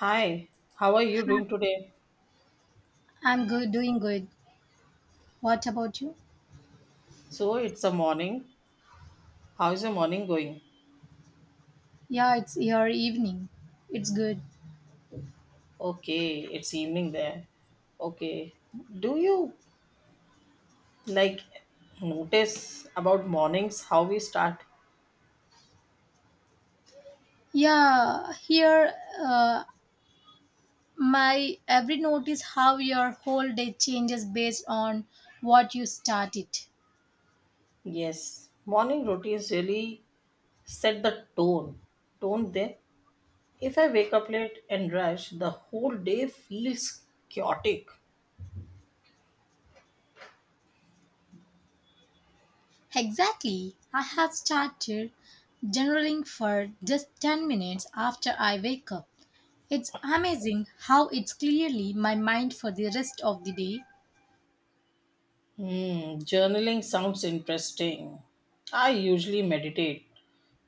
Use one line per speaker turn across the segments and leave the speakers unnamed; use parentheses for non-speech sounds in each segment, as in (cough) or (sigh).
Hi, how are you doing today?
I'm good, doing good. What about you?
So it's a morning. How's your morning going?
Yeah, it's your evening. It's good.
Okay, it's evening there. Okay. Do you like notice about mornings how we start?
Yeah, here uh, my every notice how your whole day changes based on what you started.
Yes. Morning routines really set the tone, don't they? If I wake up late and rush, the whole day feels chaotic.
Exactly. I have started journaling for just 10 minutes after I wake up. It's amazing how it's clearly my mind for the rest of the day.
Hmm, journaling sounds interesting. I usually meditate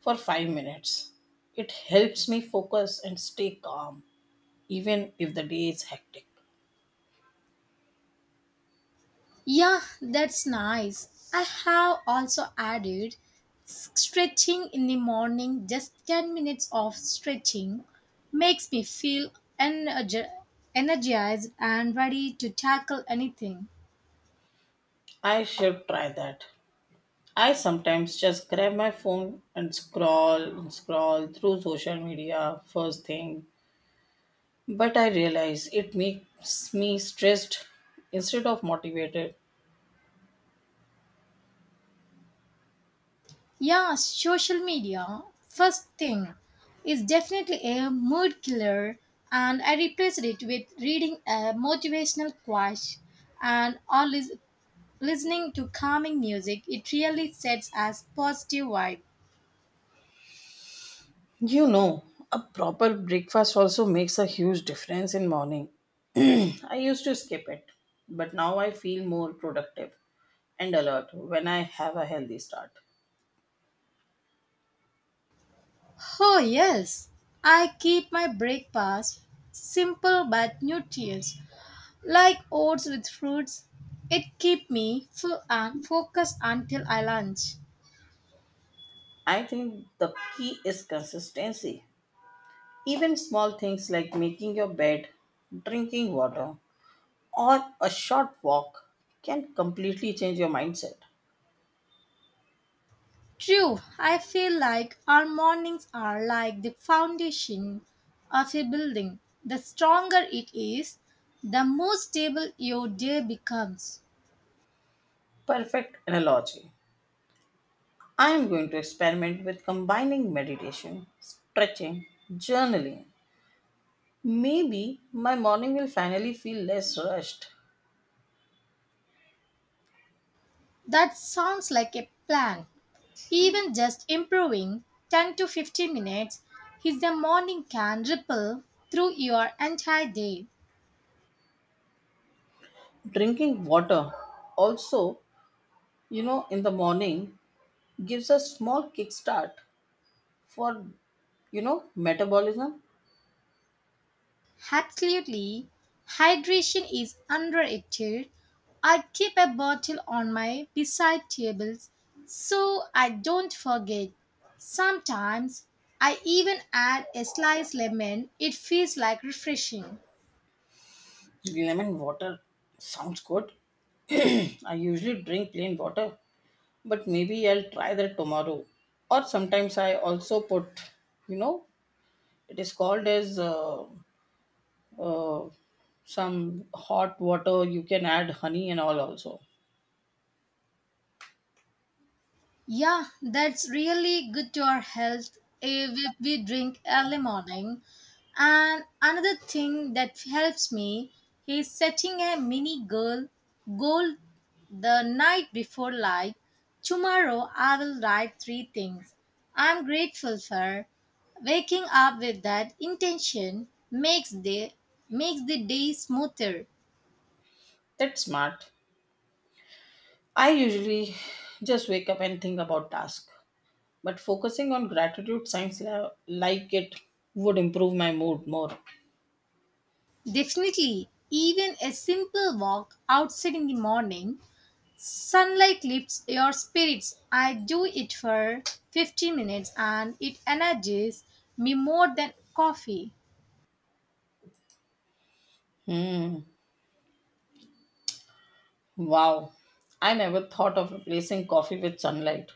for 5 minutes. It helps me focus and stay calm, even if the day is hectic.
Yeah, that's nice. I have also added stretching in the morning, just 10 minutes of stretching makes me feel energi- energized and ready to tackle anything.
I should try that. I sometimes just grab my phone and scroll through social media first thing, but I realize it makes me stressed instead of motivated.
Yeah, social media, first thing, is definitely a mood killer, and I replaced it with reading a motivational quote and or listening to calming music. It really sets as positive vibe.
You know, a proper breakfast also makes a huge difference in morning. (clears throat) I used to skip it, but now I feel more productive and alert when I have a healthy start.
Oh, yes. I keep my breakfast simple but nutritious, like oats with fruits. It keeps me full and focused until I lunch.
I think the key is consistency. Even small things like making your bed, drinking water, or a short walk can completely change your mindset.
True, I feel like our mornings are like the foundation of a building. The stronger it is, the more stable your day becomes.
Perfect analogy. I am going to experiment with combining meditation, stretching, journaling. Maybe my morning will finally feel less rushed.
That sounds like a plan. Even just improving 10 to 15 minutes in the morning can ripple through your entire day.
Drinking water also, you know, in the morning gives a small kickstart for, you know, metabolism.
Absolutely. Hydration is underrated. I keep a bottle on my bedside table so I don't forget. Sometimes I even add a sliced lemon. It feels like refreshing.
Lemon water sounds good. (clears throat) I usually drink plain water, but maybe I'll try that tomorrow. Or sometimes I also put, you know, it is called as uh, some hot water. You can add honey and all also.
Yeah, that's really good to our health if we drink early morning. And another thing that helps me is setting a mini goal the night before, like tomorrow I will write three things I'm grateful for. Waking up with that intention makes the day smoother.
That's smart. I usually just wake up and think about task. But focusing on gratitude signs like it would improve my mood more.
Definitely, even a simple walk outside in the morning, sunlight lifts your spirits. I do it for 15 minutes and it energizes me more than coffee.
Hmm. Wow. I never thought of replacing coffee with sunlight.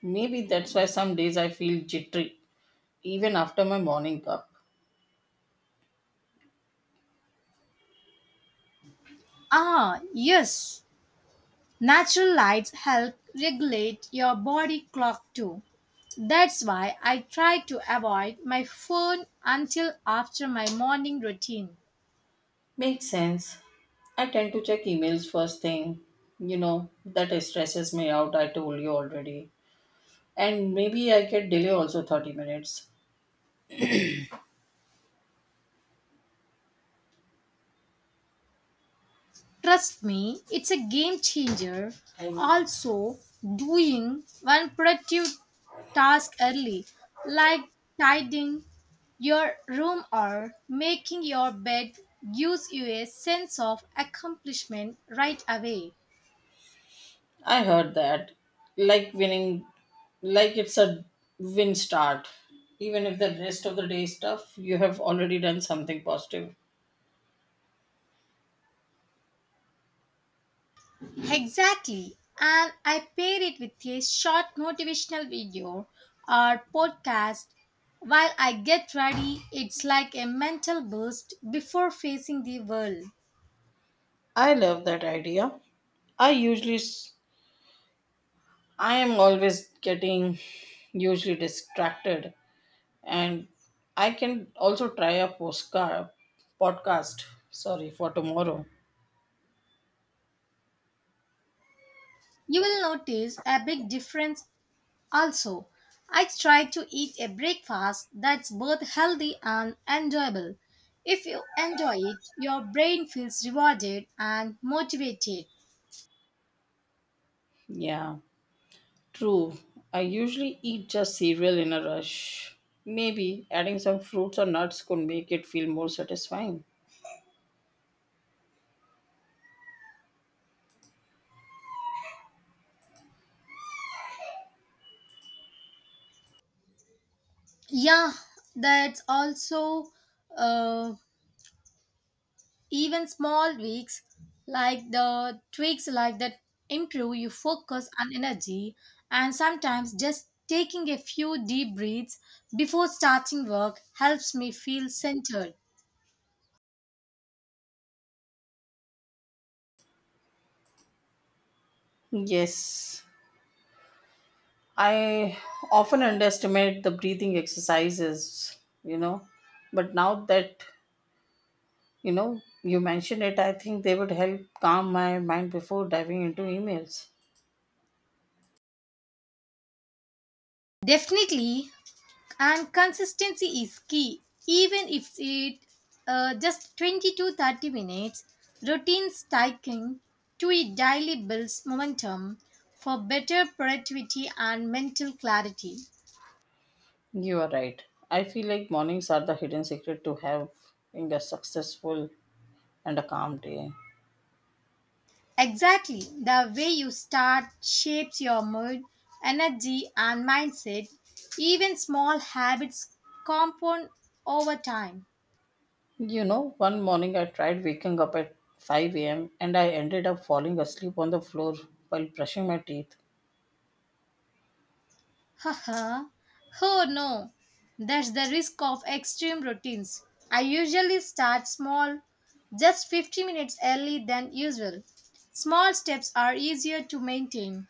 Maybe that's why some days I feel jittery, even after my morning cup.
Ah, yes. Natural lights help regulate your body clock too. That's why I try to avoid my phone until after my morning routine.
Makes sense. I tend to check emails first thing. You know, that stresses me out, I told you already. And maybe I get delay also 30 minutes.
Trust me, it's a game changer. Also, doing one productive task early, like tidying your room or making your bed, gives you a sense of accomplishment right away.
I heard that. Like winning, like it's a win start. Even if the rest of the day is tough, you have already done something positive.
Exactly. And I pair it with a short motivational video or podcast while I get ready. It's like a mental boost before facing the world.
I love that idea. I usually, s- I am always getting usually distracted, and I can also try a postcard podcast. Sorry for tomorrow.
You will notice a big difference also. I try to eat a breakfast that's both healthy and enjoyable. If you enjoy it, your brain feels rewarded and motivated.
Yeah. True, I usually eat just cereal in a rush. Maybe adding some fruits or nuts could make it feel more satisfying.
Yeah, that's also uh, even small tweaks like that improve your focus and energy, and sometimes just taking a few deep breaths before starting work helps me feel centered.
Yes, I often underestimate the breathing exercises, you know, but now that you know you mention it, I think they would help calm my mind before diving into emails.
Definitely, and consistency is key. Even if it just 20 to 30 minutes, routine striking to it daily builds momentum for better productivity and mental clarity.
You are right. I feel like mornings are the hidden secret to having a successful and a calm day.
Exactly, the way you start shapes your mood, energy, and mindset. Even small habits compound over time.
You know, one morning I tried waking up at 5 a.m. and I ended up falling asleep on the floor while brushing my teeth.
Haha, oh no. That's the risk of extreme routines. I usually start small, just 50 minutes early than usual. Small steps are easier to maintain.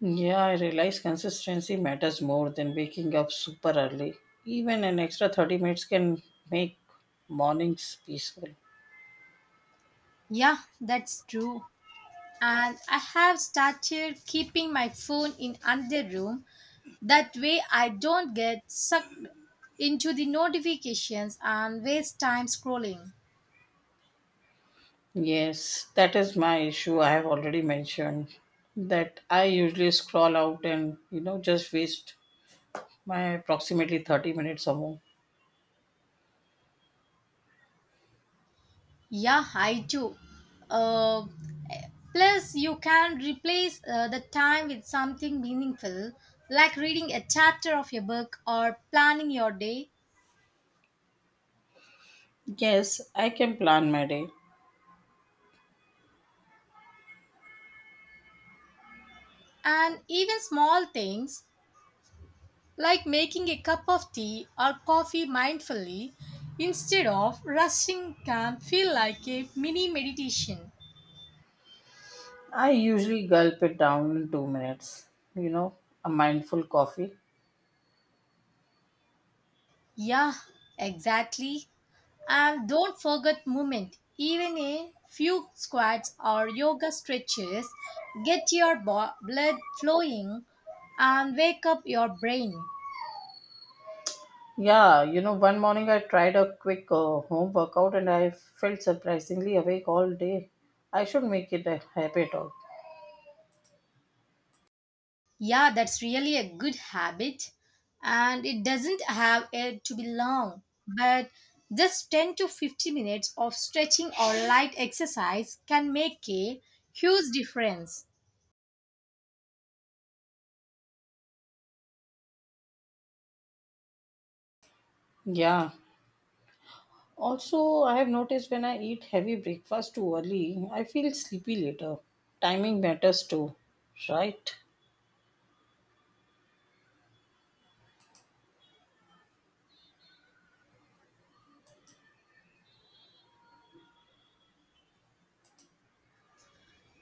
Yeah, I realized consistency matters more than waking up super early. Even an extra 30 minutes can make mornings peaceful.
Yeah, that's true. And I have started keeping my phone in another room. That way, I don't get sucked into the notifications and waste time scrolling.
Yes, that is my issue. I have already mentioned that I usually scroll out and, you know, just waste my approximately 30 minutes or more.
Yeah, I do. Uh, plus, you can replace the time with something meaningful, like reading a chapter of your book or planning your day.
Yes, I can plan my day.
And even small things like making a cup of tea or coffee mindfully instead of rushing can feel like a mini meditation.
I usually gulp it down in 2 minutes. You know, a mindful coffee.
Yeah, exactly. And don't forget movement. Even a few squats or yoga stretches get your blood flowing and wake up your brain.
Yeah, you know, one morning I tried a quick home workout and I felt surprisingly awake all day. I should make it a habit of.
Yeah, that's really a good habit and it doesn't have it to be long, but just 10 to 15 minutes of stretching or light exercise can make a huge difference.
Yeah. Also, I have noticed when I eat heavy breakfast too early, I feel sleepy later. Timing matters too, right?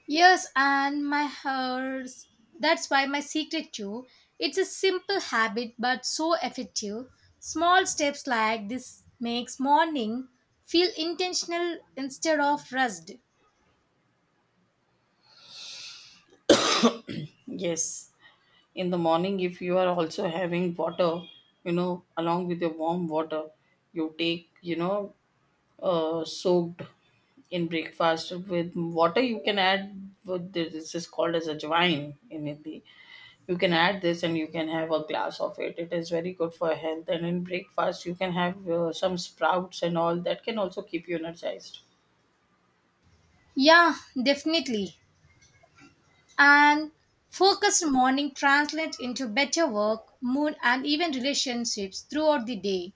Yes, and my hers. That's why my secret too. It's a simple habit but so effective. Small steps like this makes morning feel intentional instead of rushed.
Yes. In the morning, if you are also having water, you know, along with your warm water, you take, you know, soaked in breakfast with water. You can add what this is called as ajwain in Hindi. You can add this and you can have a glass of it. It is very good for health. And in breakfast, you can have some sprouts and all that can also keep you energized.
Yeah, definitely. And focused morning translates into better work, mood and even relationships throughout the day.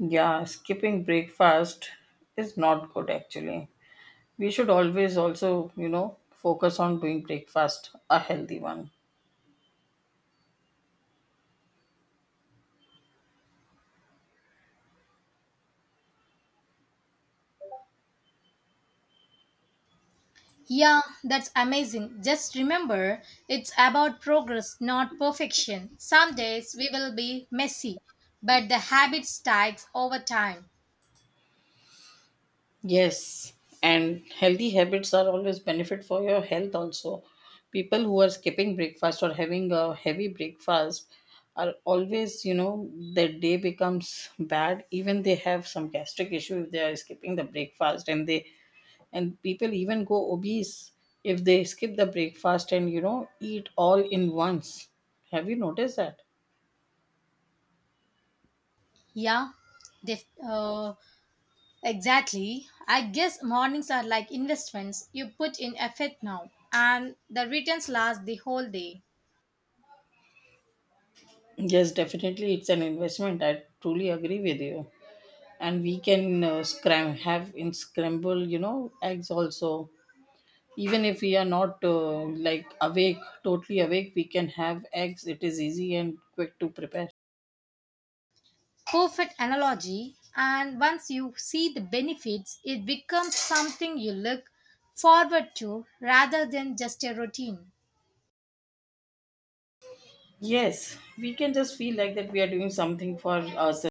Yeah, skipping breakfast is not good actually. We should always also, you know, focus on doing breakfast a healthy one.
Yeah, that's amazing. Just remember, it's about progress, not perfection. Some days we will be messy, but the habit sticks over time.
Yes, and healthy habits are always benefit for your health also. People who are skipping breakfast or having a heavy breakfast are always, you know, their day becomes bad. Even they have some gastric issue if they are skipping the breakfast and they and people even go obese if they skip the breakfast and you know eat all in once. Have you noticed that?
Yeah, def- uh, exactly. I guess mornings are like investments. You put in effort now, and the returns last the whole day.
Yes, definitely it's an investment. I truly agree with you. And we can scram have in scramble you know eggs also even if we are not awake, totally awake, we can have eggs. It is easy and quick to prepare.
Perfect analogy. And once you see the benefits, it becomes something you look forward to rather than just a routine.
Yes, we can just feel like that we are doing something for ourselves.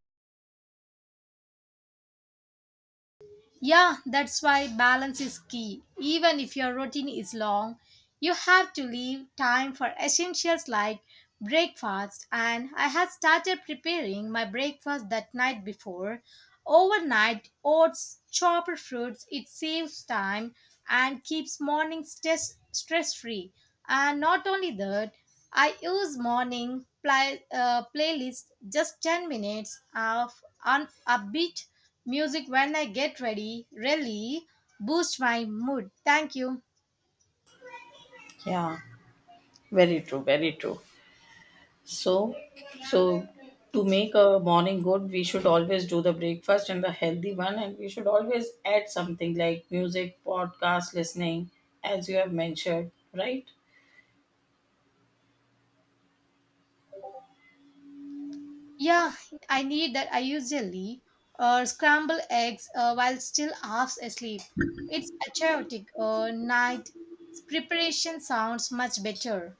Yeah, that's why balance is key. Even if your routine is long, you have to leave time for essentials like breakfast. And I had started preparing my breakfast that night before. Overnight, oats, chopper fruits, it saves time and keeps mornings stress free. And not only that, I use morning playlist just 10 minutes of upbeat music when I get ready really boosts my mood. Thank you.
Yeah, very true, very true. So so to make a morning good we should always do the breakfast and the healthy one, and we should always add something like music, podcast listening, as you have mentioned, right?
Yeah, I need that. I usually scramble eggs while still half asleep. It's a chaotic night. Preparation sounds much better.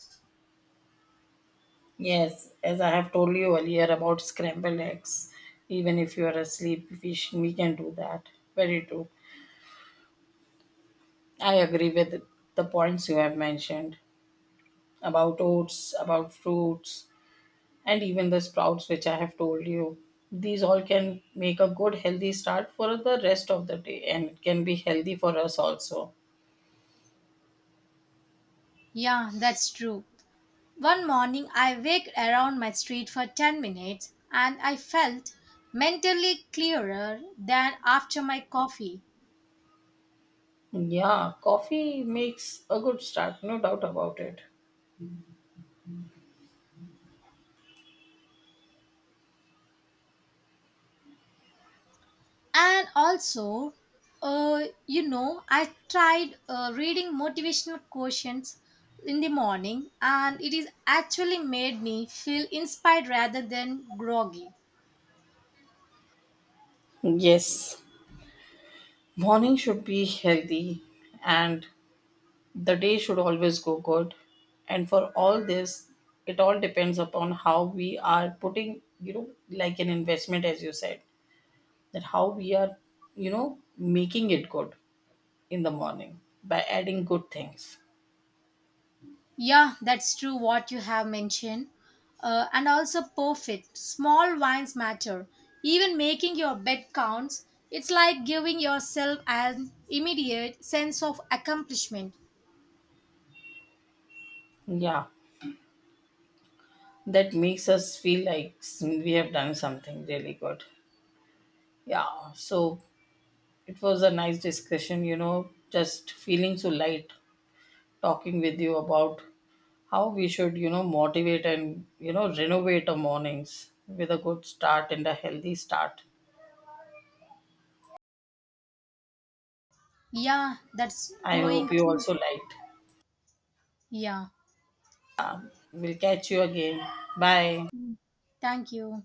Yes, as I have told you earlier about scrambled eggs, even if you are asleep, fish, we can do that. Very true. I agree with the points you have mentioned about oats, about fruits, and even the sprouts, which I have told you. These all can make a good, healthy start for the rest of the day and it can be healthy for us also.
Yeah, that's true. One morning I waked around my street for 10 minutes and I felt mentally clearer than after my coffee.
Yeah, coffee makes a good start, no doubt about it.
And also, you know, I tried reading motivational quotients in the morning, and it is actually made me feel inspired rather than groggy.
Yes, morning should be healthy, and the day should always go good. And for all this, it all depends upon how we are putting, you know, like an investment, as you said, that how we are, you know, making it good in the morning by adding good things.
Yeah, that's true what you have mentioned. And also perfect, small wins matter. Even making your bed counts. It's like giving yourself an immediate sense of accomplishment.
Yeah, that makes us feel like we have done something really good. Yeah, so it was a nice discussion, you know, just feeling so light talking with you about how we should, you know, motivate and, you know, renovate our mornings with a good start and a healthy start.
Yeah, that's
I
going
hope you
to.
also liked.
Yeah,
We'll catch you again. Bye.
thank you.